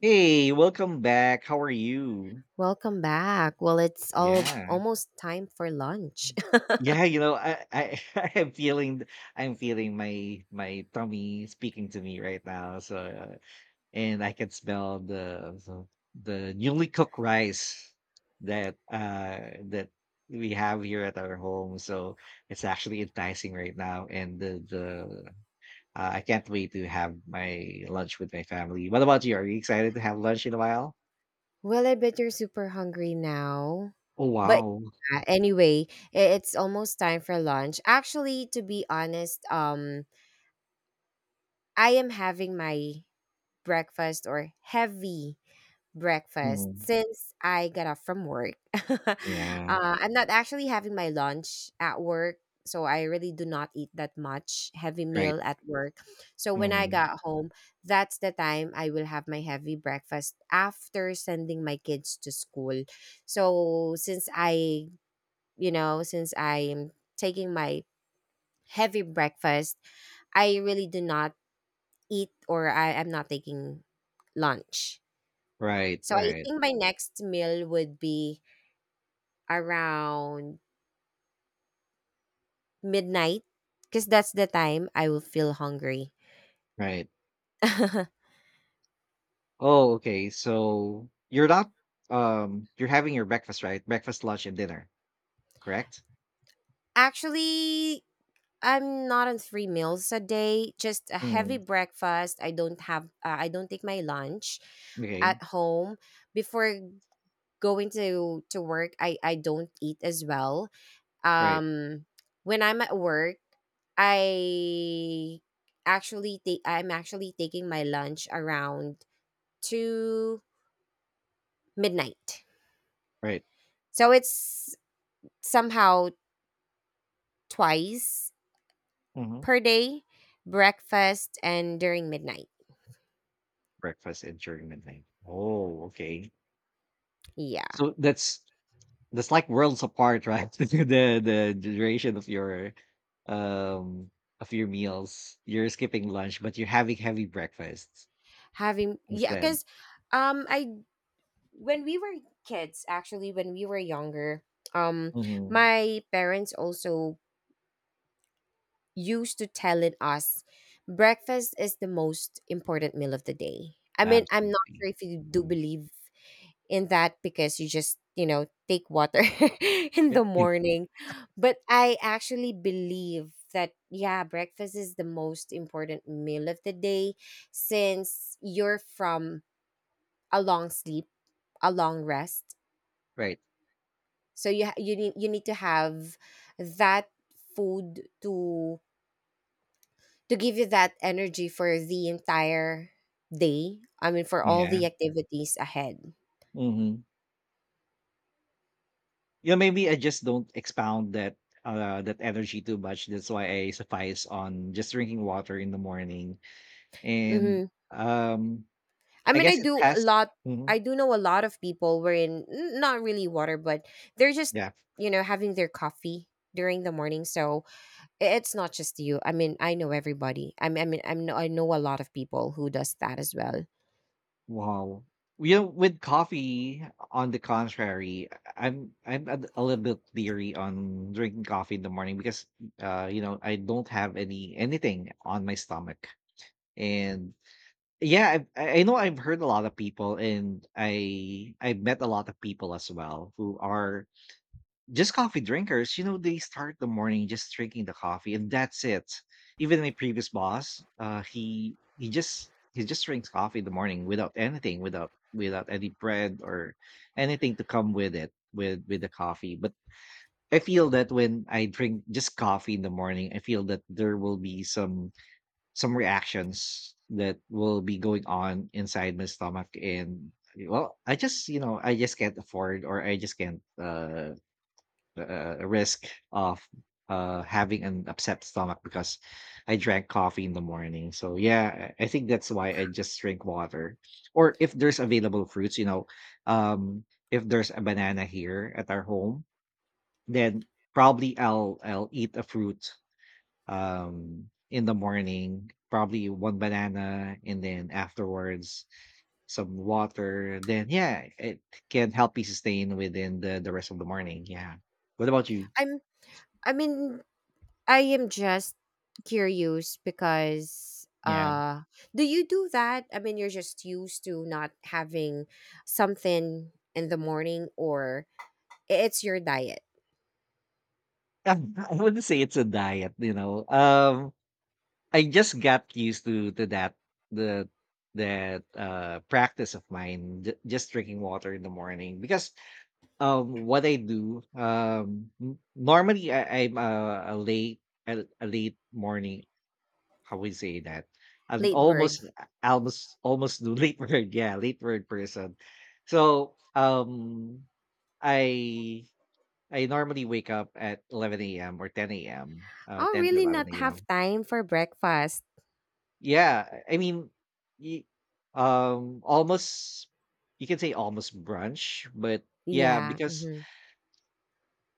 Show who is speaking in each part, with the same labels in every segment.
Speaker 1: Hey, welcome back. How are you?
Speaker 2: Welcome back. Well, it's all
Speaker 1: Yeah.
Speaker 2: almost time for lunch.
Speaker 1: Yeah, you know, I I'm feeling my tummy speaking to me right now. And I can smell the newly cooked rice that uh that we have here at our home. So it's actually enticing right now. And the I can't wait to have my lunch with my family. What about you? Are you excited to have lunch in a while?
Speaker 2: Well, I bet you're super hungry now. But
Speaker 1: Oh,
Speaker 2: yeah, anyway, it's almost time for lunch. Actually, to be honest, I am having my breakfast or heavy breakfast
Speaker 1: wow.
Speaker 2: since I got off from work. uh,
Speaker 1: Yeah,
Speaker 2: I'm not actually having my lunch at work, so I really do not eat that much heavy
Speaker 1: right.
Speaker 2: meal at work. So when I
Speaker 1: Mhm.
Speaker 2: got home, that's the time I will have my heavy breakfast after sending my kids to school. So since I am taking my heavy breakfast, I really do not eat or I am not taking lunch.
Speaker 1: Right,
Speaker 2: So I
Speaker 1: right,
Speaker 2: think my next meal would be around midnight because that's the time I will feel hungry.
Speaker 1: right. Oh, okay. So you're not You're having your breakfast, right? Breakfast, lunch, and dinner, correct?
Speaker 2: Actually, I'm not on three meals a day, just a heavy
Speaker 1: Mm.
Speaker 2: breakfast. I don't take my lunch
Speaker 1: Okay.
Speaker 2: at home before going to work. I don't eat as well.
Speaker 1: Right,
Speaker 2: Um when I'm at work, I I'm actually taking my lunch around to midnight.
Speaker 1: right.
Speaker 2: So it's somehow twice
Speaker 1: Hmm.
Speaker 2: per day, breakfast and during midnight.
Speaker 1: Breakfast and during midnight. Oh, okay.
Speaker 2: Yeah.
Speaker 1: So that's like worlds apart, right? The duration of your um of your meals. You're skipping lunch, but you're having heavy breakfasts
Speaker 2: Having Yeah,
Speaker 1: instead.
Speaker 2: cuz I when we were kids, actually when we were younger, um
Speaker 1: Hmm.
Speaker 2: my parents also used to telling us breakfast is the most important meal of the day. I mean, I'm not
Speaker 1: Absolutely.
Speaker 2: sure if you do
Speaker 1: Mm.
Speaker 2: believe in that because you just take water in the
Speaker 1: Yeah.
Speaker 2: morning, but I actually believe that, yeah, breakfast is the most important meal of the day since you're from a long sleep, a long rest,
Speaker 1: Right.
Speaker 2: so you need to have that food to give you that energy for the entire day. I mean, for all
Speaker 1: Yeah.
Speaker 2: the activities ahead.
Speaker 1: Hmm. You know, maybe I just don't expound that energy too much. That's why I suffice on just drinking water in the morning. And
Speaker 2: Mhm.
Speaker 1: um
Speaker 2: I
Speaker 1: I
Speaker 2: mean, I
Speaker 1: guess it
Speaker 2: do a
Speaker 1: has
Speaker 2: lot.
Speaker 1: Mhm.
Speaker 2: I do know a lot of people not really water, but they're just
Speaker 1: Yeah.
Speaker 2: having their coffee during the morning. So it's not just you. I mean, I know everybody. I mean, I know a lot of people who does that as well.
Speaker 1: Wow. You know, with coffee, on the contrary, I'm a little bit leery on drinking coffee in the morning because you know, I don't have anything on my stomach. And yeah, I know I've heard a lot of people, and I've met a lot of people as well who are just coffee drinkers. You know, they start the morning just drinking the coffee, and that's it. Even my previous boss, he just drinks coffee in the morning without anything, without any bread or anything to come with it, with the coffee. But I feel that when I drink just coffee in the morning, I feel that there will be some reactions that will be going on inside my stomach, and well, I just I just can't afford, or I just can't risk of having an upset stomach because I drank coffee in the morning. So yeah, I think that's why I just drink water, or if there's available fruits um if there's a banana here at our home, then probably I'll eat a fruit in the morning, probably one banana, and then afterwards some water. Then yeah, it can help you sustain within the rest of the morning. Yeah, what about you?
Speaker 2: I'm. I mean, I am just curious because
Speaker 1: Yeah.
Speaker 2: do you do that? I mean, you're just used to not having something in the morning, or it's your diet.
Speaker 1: I wouldn't say it's a diet. I just got used to that, the that practice of mine, just drinking water in the morning, because what I normally I'm a late morning, how we say that, I'm
Speaker 2: Late bird.
Speaker 1: almost almost almost do late bird, yeah, late bird person. So um, I I normally wake up at 11 a.m. or 10 a.m.
Speaker 2: I'll
Speaker 1: 10 to
Speaker 2: really not
Speaker 1: 11
Speaker 2: have
Speaker 1: a.m.
Speaker 2: time for breakfast.
Speaker 1: Yeah, I mean y- almost, you can say almost brunch. But yeah,
Speaker 2: Yeah.
Speaker 1: because
Speaker 2: Hmm.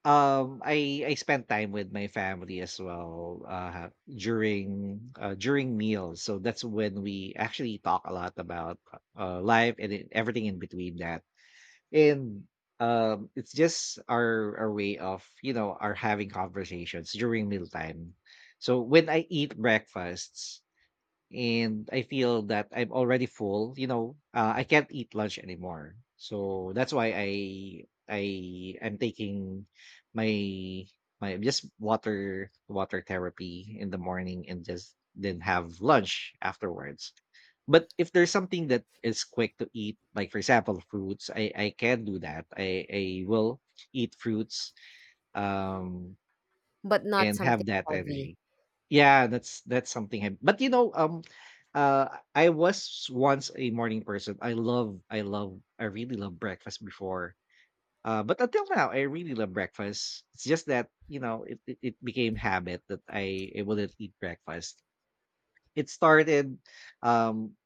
Speaker 1: um, I spend time with my family as well, during meals, so that's when we actually talk a lot about, life and e everything in between that, and, it's just our way of, you know, our having conversations during mealtime. So when I eat breakfasts, and I feel that I'm already full. You know, I can't eat lunch anymore, so that's why I am taking my my just water therapy in the morning and just then have lunch afterwards. But if there's something that is quick to eat, like for example fruits, I can do that. I will eat fruits. Um,
Speaker 2: But not
Speaker 1: and
Speaker 2: something
Speaker 1: have that
Speaker 2: heavy.
Speaker 1: energy. Yeah, that's something. But you know, uh, I was once a morning person. I really love breakfast before. But until now, I really love breakfast. It's just that, you know, it became habit that I wouldn't eat breakfast. It started um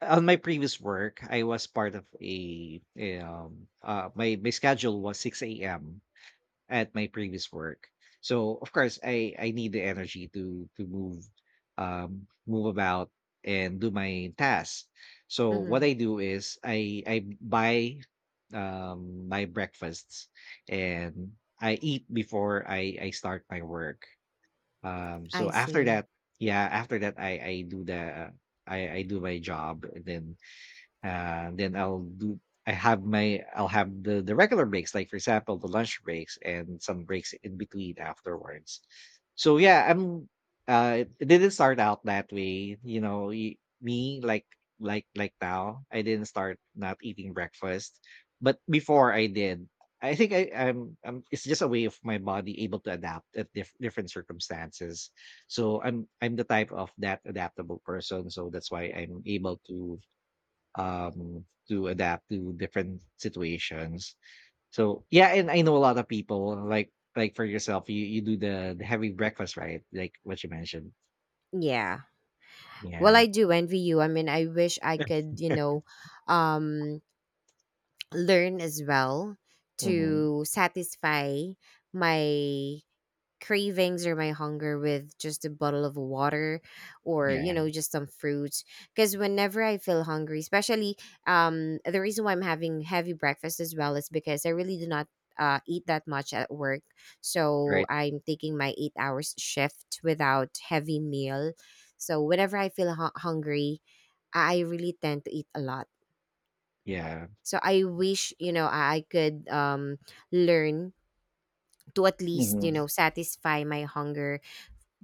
Speaker 1: on my previous work. I was part of a, a, my schedule was 6 a.m. at my previous work. So of course I need the energy to move um, move about and do my tasks. So
Speaker 2: Hmm.
Speaker 1: what I do is I buy my breakfasts, and I eat before I start my work. Um,
Speaker 2: I
Speaker 1: so after
Speaker 2: see.
Speaker 1: that, yeah, after that I do the I do my job, and then I'll do I'll have the regular breaks, like for example, the lunch breaks and some breaks in between afterwards. So yeah, I'm it it didn't start out that way, you know, y- me like now, I didn't start not eating breakfast, but before I did. I think I, I'm, I'm. It's just a way of my body able to adapt at different circumstances. So I'm the type of that adaptable person. So that's why I'm able to um, to adapt to different situations. So yeah, and I know a lot of people like for yourself, you do the heavy breakfast, right, like what you mentioned.
Speaker 2: Yeah. Well,
Speaker 1: Yeah.
Speaker 2: I do envy you. I mean, I wish I could, um, learn as well
Speaker 1: Hmm.
Speaker 2: to satisfy my cravings or my hunger with just a bottle of water or
Speaker 1: Yeah.
Speaker 2: just some fruits, because whenever I feel hungry, especially the reason why I'm having heavy breakfast as well is because I really do not eat that much at work. So
Speaker 1: Right.
Speaker 2: I'm taking my 8 hours shift without heavy meal, so whenever I feel hungry, I really tend to eat a lot.
Speaker 1: Yeah.
Speaker 2: So I wish, I could learn to at least,
Speaker 1: Hmm.
Speaker 2: satisfy my hunger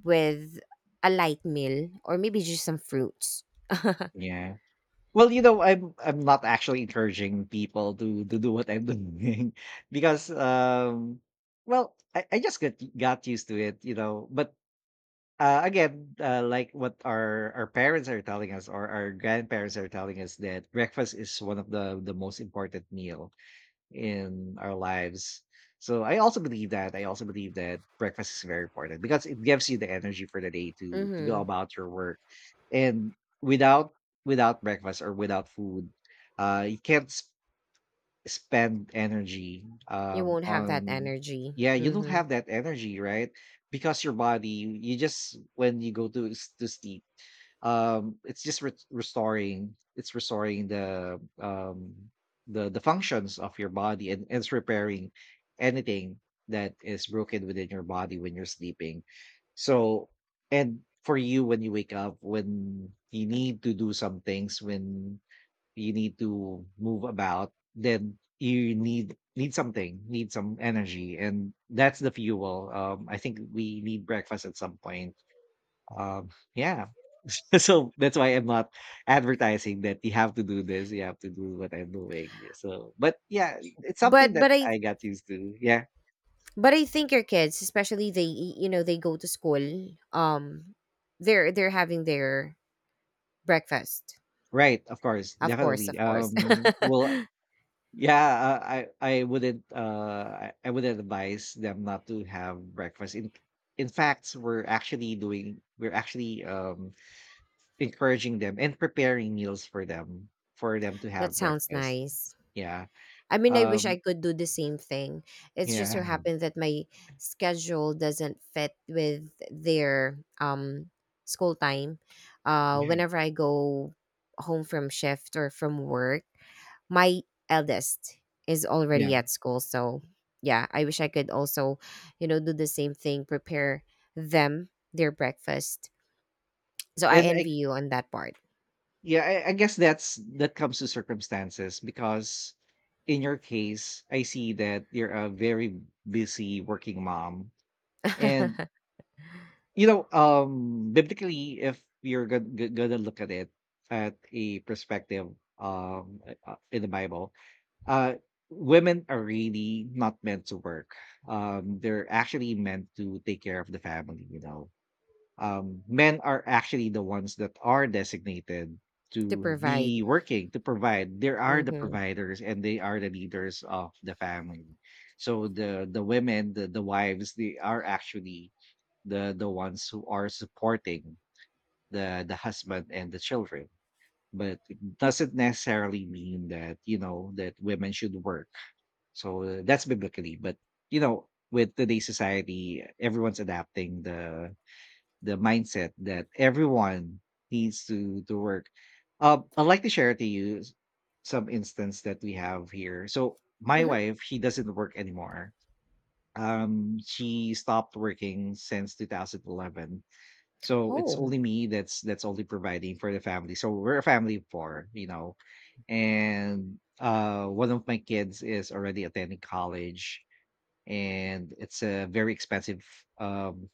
Speaker 2: with a light meal or maybe just some fruits.
Speaker 1: Yeah. Well, you know, I'm not actually encouraging people to do what I'm doing because um, well, I just got used to it, you know. But uh, again, like what our parents are telling us or our grandparents are telling us, that breakfast is one of the most important meal in our lives. So I also believe that. I also believe that breakfast is very important because it gives you the energy for the day to go
Speaker 2: Mhm.
Speaker 1: about your work. And without breakfast or without food, you can't spend energy
Speaker 2: You won't have that
Speaker 1: on,
Speaker 2: energy.
Speaker 1: yeah, you don't
Speaker 2: Mhm.
Speaker 1: have that energy, right? Because your body, you just when you go to to sleep, it's just restoring, it's restoring the functions of your body, and it's repairing anything that is broken within your body when you're sleeping. So and for you when you wake up, when you need to do some things, when you need to move about, then you need something, need some energy, and that's the fuel. Um, I think we need breakfast at some point um, yeah. So that's why I'm not advertising that you have to do this, you have to do what I'm doing. Yeah, so but yeah, it's something
Speaker 2: But
Speaker 1: that
Speaker 2: but I
Speaker 1: I got used to. Yeah,
Speaker 2: but I think your kids, especially, they y- you know they go to school, um they're having their breakfast.
Speaker 1: right, of course,
Speaker 2: Of course,
Speaker 1: definitely.
Speaker 2: of course.
Speaker 1: Um, well, yeah, uh, I wouldn't I would not advise them not to have breakfast. In fact, we're actually encouraging them and preparing meals for them, for them to
Speaker 2: That
Speaker 1: have
Speaker 2: sounds
Speaker 1: breakfast.
Speaker 2: nice.
Speaker 1: Yeah.
Speaker 2: I mean, I wish
Speaker 1: Um,
Speaker 2: I could do the same thing. It's just so
Speaker 1: yeah.
Speaker 2: happened that my schedule doesn't fit with their school time.
Speaker 1: Yeah.
Speaker 2: Whenever I go home from shift or from work, my eldest is
Speaker 1: Yeah.
Speaker 2: already at school. So yeah, I wish I could also, do the same thing, prepare them their breakfast. So I
Speaker 1: And I,
Speaker 2: envy you on that part.
Speaker 1: yeah, I guess that's that comes to circumstances because in your case, I see that you're a very busy working mom, and
Speaker 2: To
Speaker 1: you know, biblically, if you're gonna look at it at a perspective in the Bible, uh, women are really not meant to work. They're actually meant to take care of the family. You know, men are actually the ones that are designated to
Speaker 2: provide.
Speaker 1: be working to provide. They are the
Speaker 2: Mm-hmm.
Speaker 1: providers, and they are the leaders of the family. So the women, the wives, they are actually the ones who are supporting the husband and the children, but it doesn't necessarily mean that, you know, that women should work. So that's biblically. But you know, with today's society, everyone's adapting the mindset that everyone needs to work. Uh, I'd like to share to you some instance that we have here. So my
Speaker 2: Mm-hmm.
Speaker 1: wife, she doesn't work anymore, she stopped working since 2011. So it's
Speaker 2: Oh.
Speaker 1: only me that's only providing for the family. So we're a family of four, you know. And uh, one of my kids is already attending college, and it's a very expensive um,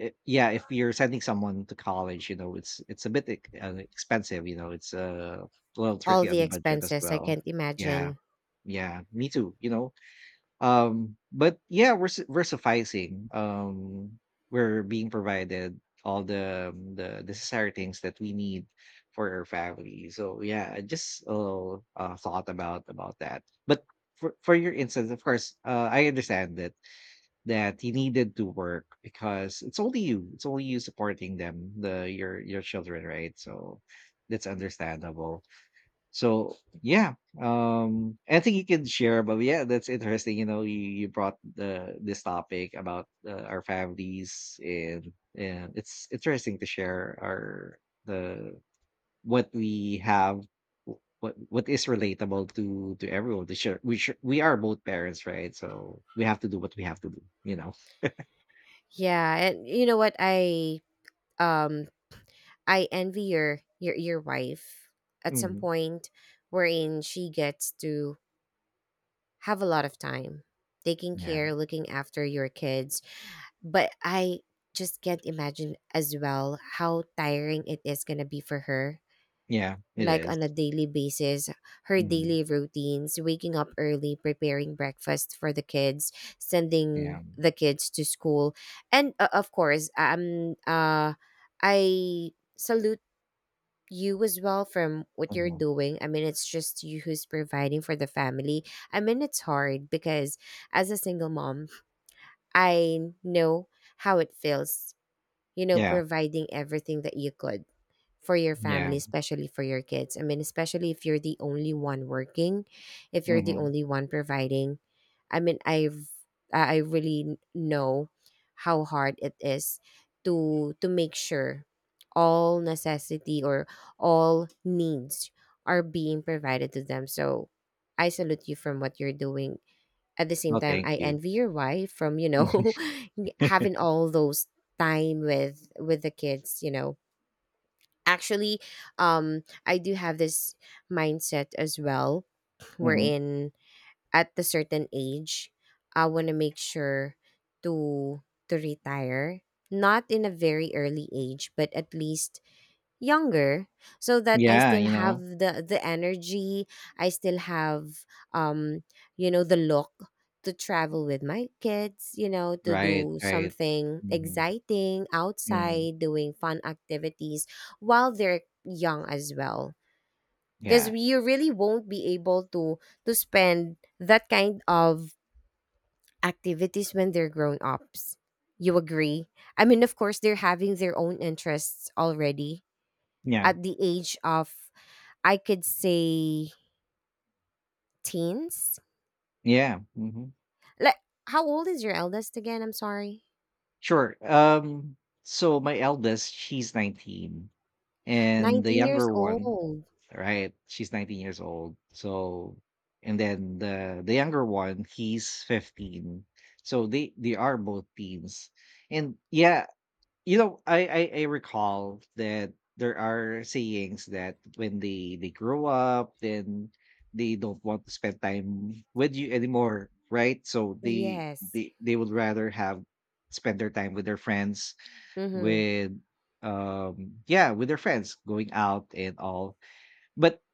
Speaker 1: yeah, if you're sending someone to college, you know, it's a bit expensive, you know. It's a little
Speaker 2: All
Speaker 1: tricky on
Speaker 2: the
Speaker 1: the budget as
Speaker 2: expenses. I
Speaker 1: well.
Speaker 2: can't
Speaker 1: Yeah.
Speaker 2: imagine.
Speaker 1: Yeah, me too, you know. But yeah, we're sufficing. We're being provided all the necessary things that we need for our family. So yeah, I just a little thought about that. But for your instance, of course, I understand that he needed to work because it's only you supporting them, the your children, right? So that's understandable. So yeah, I think you can share, but yeah, that's interesting. You know, you brought the this topic about our families, and it's interesting to share our the what we have, wh- what is relatable to everyone. To share, we are both parents, right? So we have to do what we have to do. You know.
Speaker 2: Yeah, and you know what? Um I envy your wife at some
Speaker 1: Mhm.
Speaker 2: point wherein she gets to have a lot of time taking
Speaker 1: Yeah.
Speaker 2: care, looking after your kids. But I just can't imagine as well how tiring it is gonna be for her,
Speaker 1: Yeah. It
Speaker 2: like
Speaker 1: is.
Speaker 2: on a daily basis, her
Speaker 1: Mhm.
Speaker 2: daily routines, waking up early, preparing breakfast for the kids,
Speaker 1: Yeah.
Speaker 2: sending the kids to school, and of course, I salute you as well from what you're
Speaker 1: Mhm.
Speaker 2: doing. I mean, it's just you who's providing for the family. I mean, it's hard because as a single mom, I know how it feels,
Speaker 1: Yeah.
Speaker 2: providing everything that you could for your
Speaker 1: Yeah.
Speaker 2: family, especially for your kids. I mean, especially if you're the only one working, if you're the
Speaker 1: hmm
Speaker 2: only one providing. I mean, I really know how hard it is to make sure all necessity or all needs are being provided to them. So I salute you from what you're doing. At the same
Speaker 1: Oh,
Speaker 2: time,
Speaker 1: thank
Speaker 2: I
Speaker 1: you.
Speaker 2: envy your wife from, having all those time with the kids. Actually, I do have this mindset as well,
Speaker 1: Mhm.
Speaker 2: wherein at a certain age, I want to make sure to to retire, not in a very early age, but at least younger, so that I
Speaker 1: Yeah, you
Speaker 2: still
Speaker 1: know?
Speaker 2: have the energy, I still have um the look to travel with my kids, to
Speaker 1: Right,
Speaker 2: do
Speaker 1: right.
Speaker 2: something
Speaker 1: Mhm,
Speaker 2: exciting
Speaker 1: mhm.
Speaker 2: outside, doing fun activities while they're young as well. Cuz
Speaker 1: Yeah,
Speaker 2: you really won't be able to spend that kind of activities when they're grown ups. You agree? I mean, of course, they're having their own interests already
Speaker 1: yeah,
Speaker 2: at the age of, I could say, teens.
Speaker 1: yeah, mhm.
Speaker 2: Like, how old is your eldest again? I'm sorry.
Speaker 1: Sure, so my eldest, she's 19, and the
Speaker 2: 19 years
Speaker 1: younger one
Speaker 2: old.
Speaker 1: right, she's 19 years old, and then the younger one, he's 15. So they are both teens, and yeah. You know, I recall that there are sayings that when they grow up, then they don't want to spend time with you anymore, right? So they
Speaker 2: Yes.
Speaker 1: they they would rather have spend their time with their friends,
Speaker 2: Mhm.
Speaker 1: with yeah, with their friends going out and all. But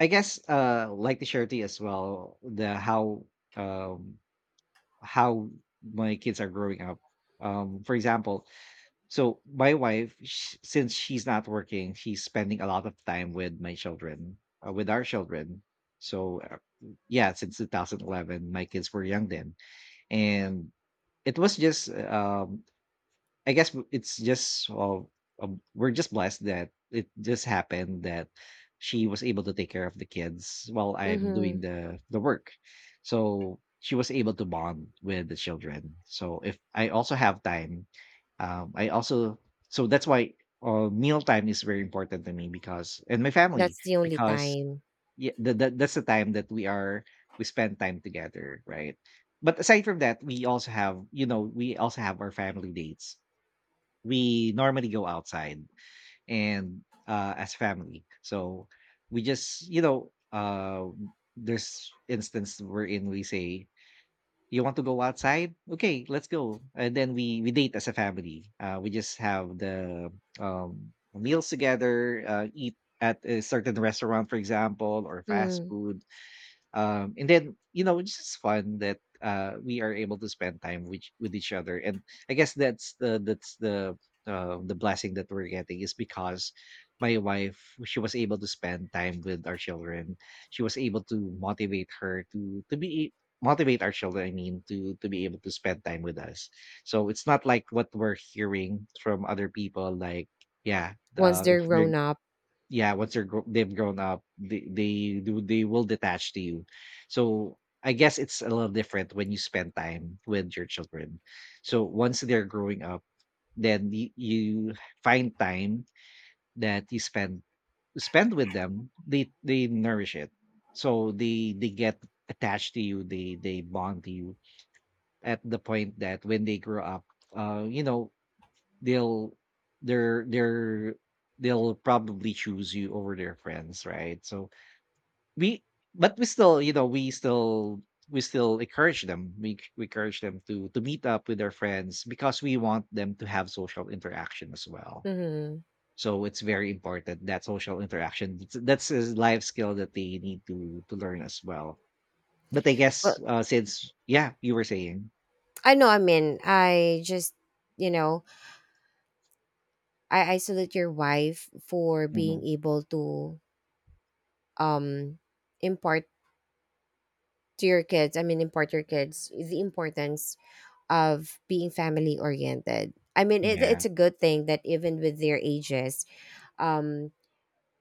Speaker 1: I guess like the charity as well, the um how my kids are growing up. For example, so my wife, since she's not working, she's spending a lot of time with my children, with our children. So yeah, since 2011, my kids were young then, and it was just I guess w- it's just we're just blessed that it just happened that she was able to take care of the kids while I'm doing
Speaker 2: Mhm.
Speaker 1: the work. So she was able to bond with the children. So if I also have time, I also so that's why meal time is very important to me because and my family
Speaker 2: That's the only
Speaker 1: because
Speaker 2: time.
Speaker 1: yeah, that's the time that we spend time together, right? But aside from that, we also have, we also have our family dates. We normally go outside and as family. So we just, you know, there's instance wherein we say, "You want to go outside? Okay, let's go." And then we date as a family. We just have the meals together, eat at a certain restaurant for example, or fast
Speaker 2: Mm.
Speaker 1: food. And then, you know, it's just fun that we are able to spend time with each other. And I guess that's the blessing that we're getting is because my wife, she was able to spend time with our children. She was able to motivate our children, I mean, to be able to spend time with us. So it's not like what we're hearing from other people, like, yeah,
Speaker 2: Once
Speaker 1: if
Speaker 2: they're
Speaker 1: they're
Speaker 2: grown up.
Speaker 1: yeah once they've grown up, they will detach to you. So I guess it's a little different when you spend time with your children. So once they're growing up, you find time that you spend spend with them, they nourish it. So they get attached to you, they bond to you at the point that when they grow up, you know, they'll they're they'll probably choose you over their friends, right? So we but we still, you know, we still encourage them. We encourage them to meet up with their friends because we want them to have social interaction as well.
Speaker 2: Mhm.
Speaker 1: So it's very important, that social interaction. That's a life skill that they need to learn as well. But I
Speaker 2: Well,
Speaker 1: guess since yeah, you were saying.
Speaker 2: I know. I mean, you know, I isolate your wife for being
Speaker 1: Mhm.
Speaker 2: able to um impart to your kids, I mean impart your kids the importance of being family oriented. I mean, it,
Speaker 1: Yeah.
Speaker 2: it's a good thing that even with their ages, um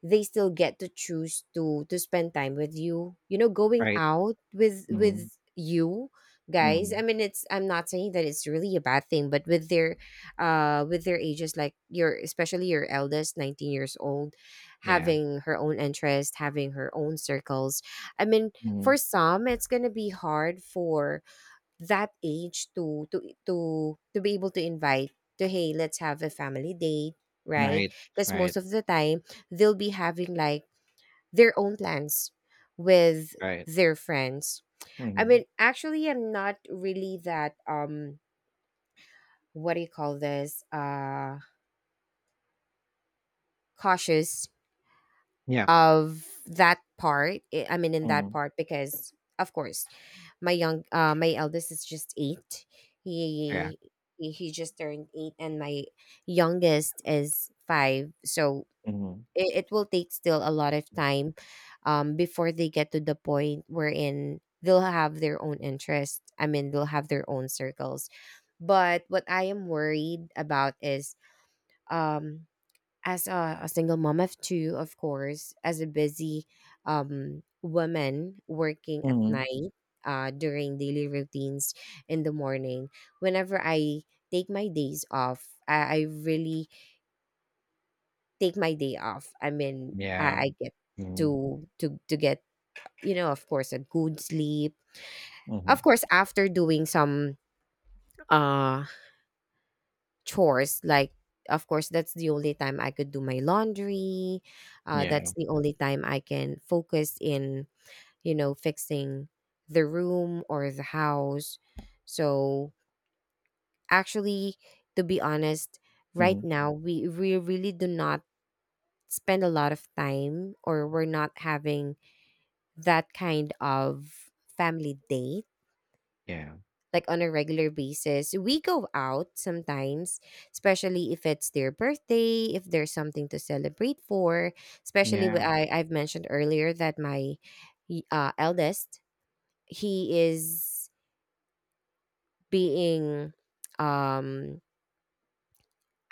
Speaker 2: they still get to choose to spend time with you, you know going
Speaker 1: Right.
Speaker 2: out with
Speaker 1: Hmm.
Speaker 2: with you guys. I
Speaker 1: Hmm.
Speaker 2: mean, it's I'm not saying that it's really a bad thing, but with their ages, like your especially your eldest 19 years old,
Speaker 1: Yeah.
Speaker 2: having her own interest, having her own circles. I mean,
Speaker 1: Hmm.
Speaker 2: for some, it's going to be hard for that age to be able to invite, to, hey, let's have a family date, right?
Speaker 1: Right,
Speaker 2: Because
Speaker 1: right,
Speaker 2: most of the time, they'll be having, like, their own plans with
Speaker 1: right.
Speaker 2: their friends. I
Speaker 1: Hmm.
Speaker 2: mean, actually, I'm not really that what do you call this, cautious
Speaker 1: Yeah.
Speaker 2: of that part. I mean in that
Speaker 1: Hmm.
Speaker 2: part, because of course, my eldest is just eight.
Speaker 1: Yeah.
Speaker 2: He he he just turned eight, and my youngest is five. So
Speaker 1: Hmm.
Speaker 2: it will take still a lot of time, before they get to the point wherein they'll have their own interest. I mean, they'll have their own circles. But what I am worried about is, um as a single mom of two, of course, as a busy, woman working at
Speaker 1: Hmm.
Speaker 2: night, during daily routines in the morning, whenever I take my days off, I really take my day off. I mean, I,
Speaker 1: Yeah.
Speaker 2: I get
Speaker 1: Mhm.
Speaker 2: to get, of course, a good sleep. Of
Speaker 1: Mhm.
Speaker 2: course, after doing some uh chores, like, of course, that's the only time I could do my laundry. uh,
Speaker 1: Yeah.
Speaker 2: that's the only time I can focus in, fixing the room or the house. So actually, to be honest, right
Speaker 1: Mhm.
Speaker 2: now, we really do not spend a lot of time, or we're not having that kind of family date
Speaker 1: Yeah.
Speaker 2: like on a regular basis. We go out sometimes, especially if it's their birthday, if there's something to celebrate for. Especially
Speaker 1: Yeah.
Speaker 2: I've mentioned earlier that my eldest, he is being um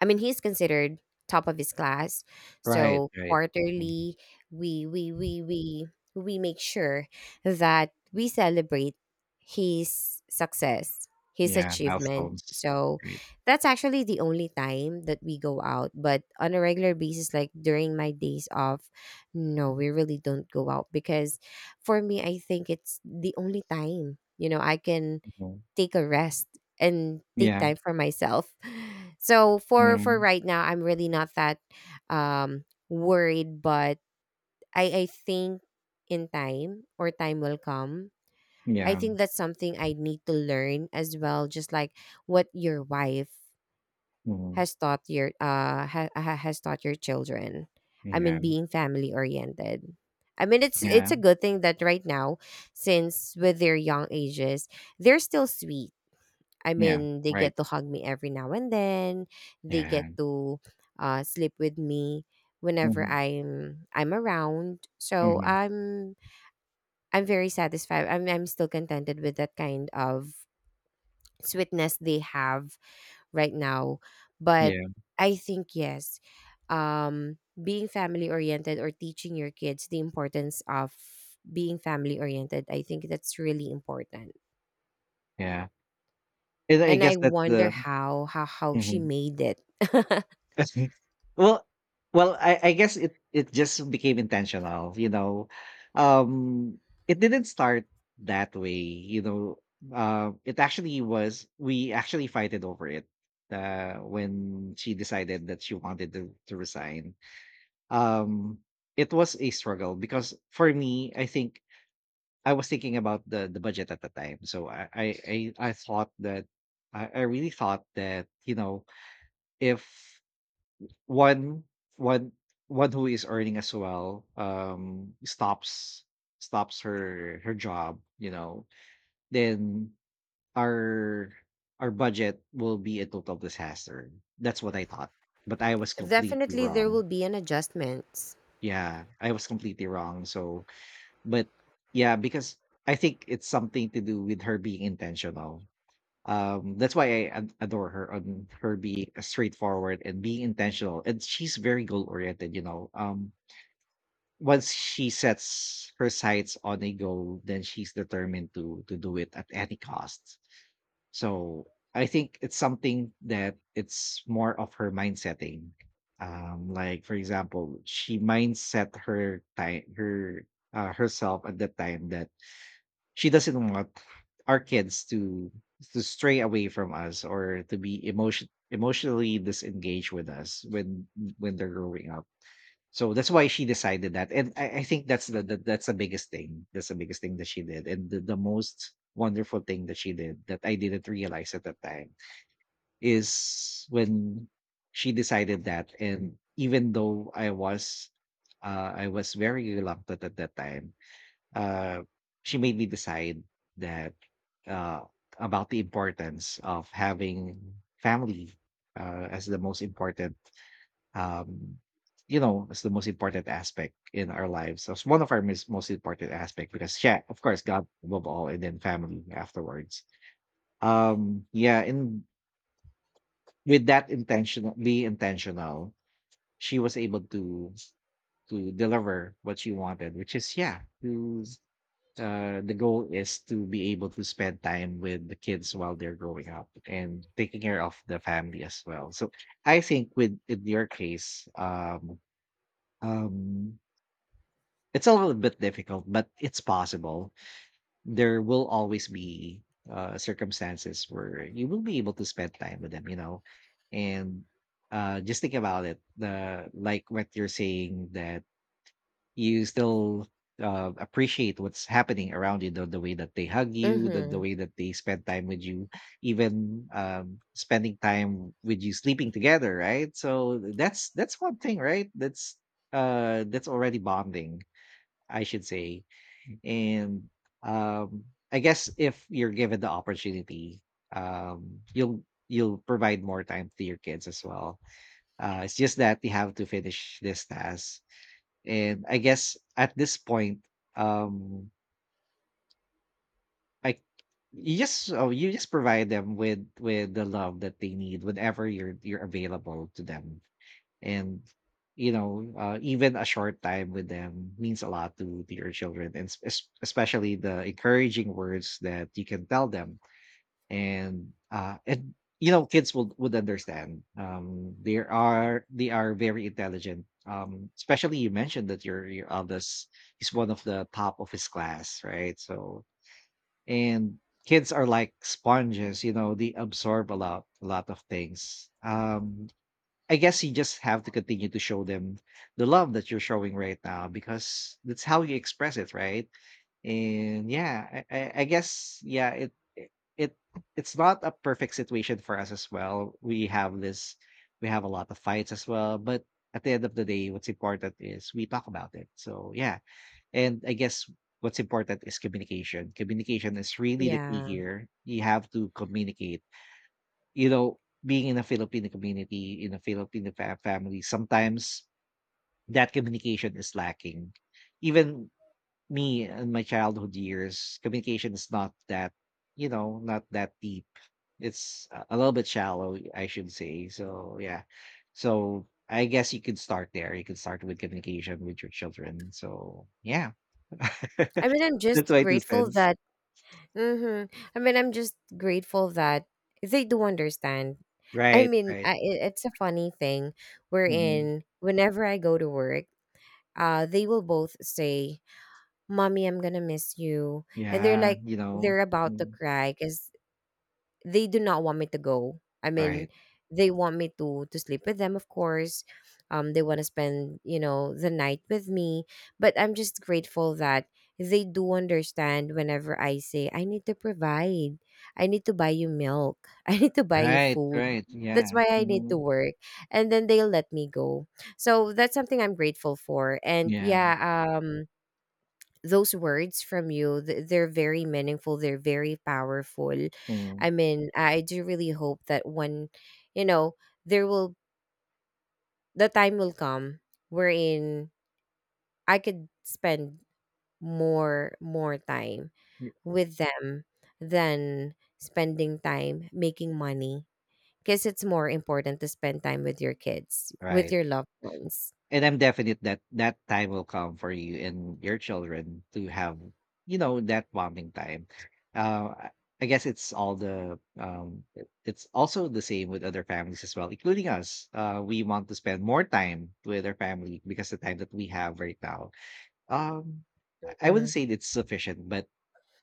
Speaker 2: I mean, he's considered top of his class.
Speaker 1: Right,
Speaker 2: So
Speaker 1: right. Mhm.
Speaker 2: quarterly, we we we we we make sure that we celebrate his success, his
Speaker 1: Yeah,
Speaker 2: achievement.
Speaker 1: milestones.
Speaker 2: So
Speaker 1: Right.
Speaker 2: that's actually the only time that we go out. But on a regular basis, like during my days off, no, we really don't go out, because for me, I think it's the only time. You know, I can
Speaker 1: Mhm.
Speaker 2: take a rest and take
Speaker 1: Yeah.
Speaker 2: time for myself. So for
Speaker 1: Mhm.
Speaker 2: right now, I'm really not that um worried, but I think in time, or time will come. I
Speaker 1: Yeah.
Speaker 2: think that's something I need to learn as well, just like what your wife
Speaker 1: Mhm.
Speaker 2: has taught your has taught your children. I
Speaker 1: Yeah.
Speaker 2: mean, being family oriented. I mean, it's
Speaker 1: Yeah.
Speaker 2: a good thing that right now, since with their young ages, they're still sweet. I
Speaker 1: Yeah.
Speaker 2: mean, they
Speaker 1: Right.
Speaker 2: get to hug me every now and then. They get
Speaker 1: Yeah.
Speaker 2: to sleep with me whenever
Speaker 1: Mhm.
Speaker 2: I'm around. So
Speaker 1: Mhm.
Speaker 2: I'm very satisfied. I'm still contented with that kind of sweetness they have right now. But
Speaker 1: Yeah.
Speaker 2: I think, yes, being family oriented, or teaching your kids the importance of being family oriented, I think that's really important.
Speaker 1: Yeah. And I
Speaker 2: And
Speaker 1: guess
Speaker 2: I
Speaker 1: that's
Speaker 2: wonder
Speaker 1: the
Speaker 2: how she
Speaker 1: mhm.
Speaker 2: made it.
Speaker 1: well, well, I guess it just became intentional. You know, um, it didn't start that way. You know, it actually was. We actually fighted over it when she decided that she wanted to resign. Um, it was a struggle because for me, I think I was thinking about the budget at the time. So I thought that I really thought that, you know, if one one one who is earning as well, stops her job, you know, then our our budget will be a total disaster. That's what I thought, but I was completely
Speaker 2: Definitely there will
Speaker 1: wrong.
Speaker 2: be an adjustments.
Speaker 1: Yeah, I was completely wrong. So, but yeah, because I think it's something to do with her being intentional. That's why I adore her on her being straightforward and being intentional. And she's very goal oriented, you know. Once she sets her sights on a goal, then she's determined to do it at any cost. So I think it's something that, it's more of her mind setting. Like for example, she mindset her time her herself at that time, that she doesn't want our kids to stray away from us, or to be emotionally disengaged with us when they're growing up. So that's why she decided that. And I think that's the biggest thing. That's the biggest thing that she did, and the most wonderful thing that she did that I didn't realize at that time is when she decided that. And even though I was very reluctant at that time, uh, she made me decide that, uh, about the importance of having family, as the most important, um you know, it's the most important aspect in our lives. So it's one of our most important aspect, because yeah, of course, God above all, and then family afterwards. Yeah, and with that intentional be intentional, she was able to deliver what she wanted, which is, yeah, to the goal is to be able to spend time with the kids while they're growing up and taking care of the family as well. So I think with, in your case, um it's a little bit difficult, but it's possible. There will always be circumstances where you will be able to spend time with them, you know. And just think about it, the like what you're saying, that you still appreciate what's happening around you, the way that they hug you, the
Speaker 2: Mhm.
Speaker 1: way that they spend time with you, even spending time with you sleeping together, right? So that's one thing, right? That's already bonding, I should say. And um, I guess if you're given the opportunity, you'll provide more time to your kids as well. It's just that you have to finish this task. And I guess at this point, um, I you just oh, you just provide them with the love that they need whenever you're available to them. And you know, even a short time with them means a lot to your children, and especially the encouraging words that you can tell them. And you know, kids would understand. They are, very intelligent. Especially, you mentioned that your eldest is one of the top of his class, right? So, and kids are like sponges, you know. They absorb a lot, of things. I guess you just have to continue to show them the love that you're showing right now, because that's how you express it, right? And yeah, I guess, yeah, it- it's not a perfect situation for us as well. We have a lot of fights as well, but at the end of the day, what's important is we talk about it. So yeah, and I guess what's important is communication. Communication is really the key
Speaker 2: Yeah.
Speaker 1: here. You have to communicate, you know, being in a Filipino community, in a Filipino fa family, sometimes that communication is lacking. Even me, in my childhood years, communication is not that, you know, not that deep. It's a little bit shallow, I should say. So, yeah. So, I guess you could start there. You could start with communication with your children. So, yeah.
Speaker 2: I mean, I'm
Speaker 1: That's
Speaker 2: just
Speaker 1: my 2
Speaker 2: grateful
Speaker 1: cents.
Speaker 2: that, mhm, I mean, I'm just grateful that they do understand. I
Speaker 1: Right,
Speaker 2: mean,
Speaker 1: right.
Speaker 2: it's a funny thing
Speaker 1: Mhm.
Speaker 2: wherein whenever I go to work, they will both say, "Mommy, I'm gonna miss you," and
Speaker 1: Yeah, you know.
Speaker 2: they're about to
Speaker 1: Mm,
Speaker 2: cry because they do not want me to go. I mean,
Speaker 1: right.
Speaker 2: they want me to sleep with them, of course. They want to spend, the night with me, but I'm just grateful that they do understand whenever I say I need to provide, I need to buy you milk, I need to buy you
Speaker 1: Right,
Speaker 2: food.
Speaker 1: right,
Speaker 2: That's
Speaker 1: yeah,
Speaker 2: why I need to
Speaker 1: mhm,
Speaker 2: work, and then they'll let me go. So that's something I'm grateful for. And
Speaker 1: yeah,
Speaker 2: yeah, um, those words from you, they're very meaningful, they're very powerful.
Speaker 1: mhm,
Speaker 2: I mean, I do really hope that when, you know there will the time will come wherein I could spend more time
Speaker 1: y
Speaker 2: with them than spending time making money, because it's more important to spend time with your kids, with
Speaker 1: right,
Speaker 2: your loved ones.
Speaker 1: and I'm definite that that time will come for you and your children to have, you know, that bonding time. Uh, I I guess it's all it it's also the same with other families as well, including us. We want to spend more time with our family because the time that we have right now, um, I wouldn't
Speaker 2: Mhm.
Speaker 1: say it's sufficient, but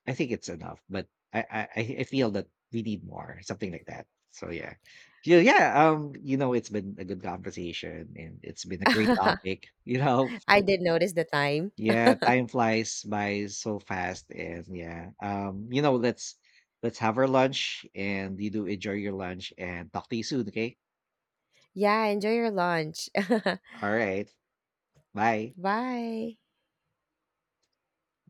Speaker 1: I think it's enough, but I feel that we need more, something like that. So yeah. Yeah, yeah, you know, it's been a good conversation and it's been a great topic, you know.
Speaker 2: I
Speaker 1: So,
Speaker 2: did notice the time.
Speaker 1: yeah, time flies by so fast and yeah. You know, let's have our lunch, and you do enjoy your lunch, and talk to you soon, okay?
Speaker 2: Yeah, enjoy your lunch.
Speaker 1: All right. Bye.
Speaker 2: Bye.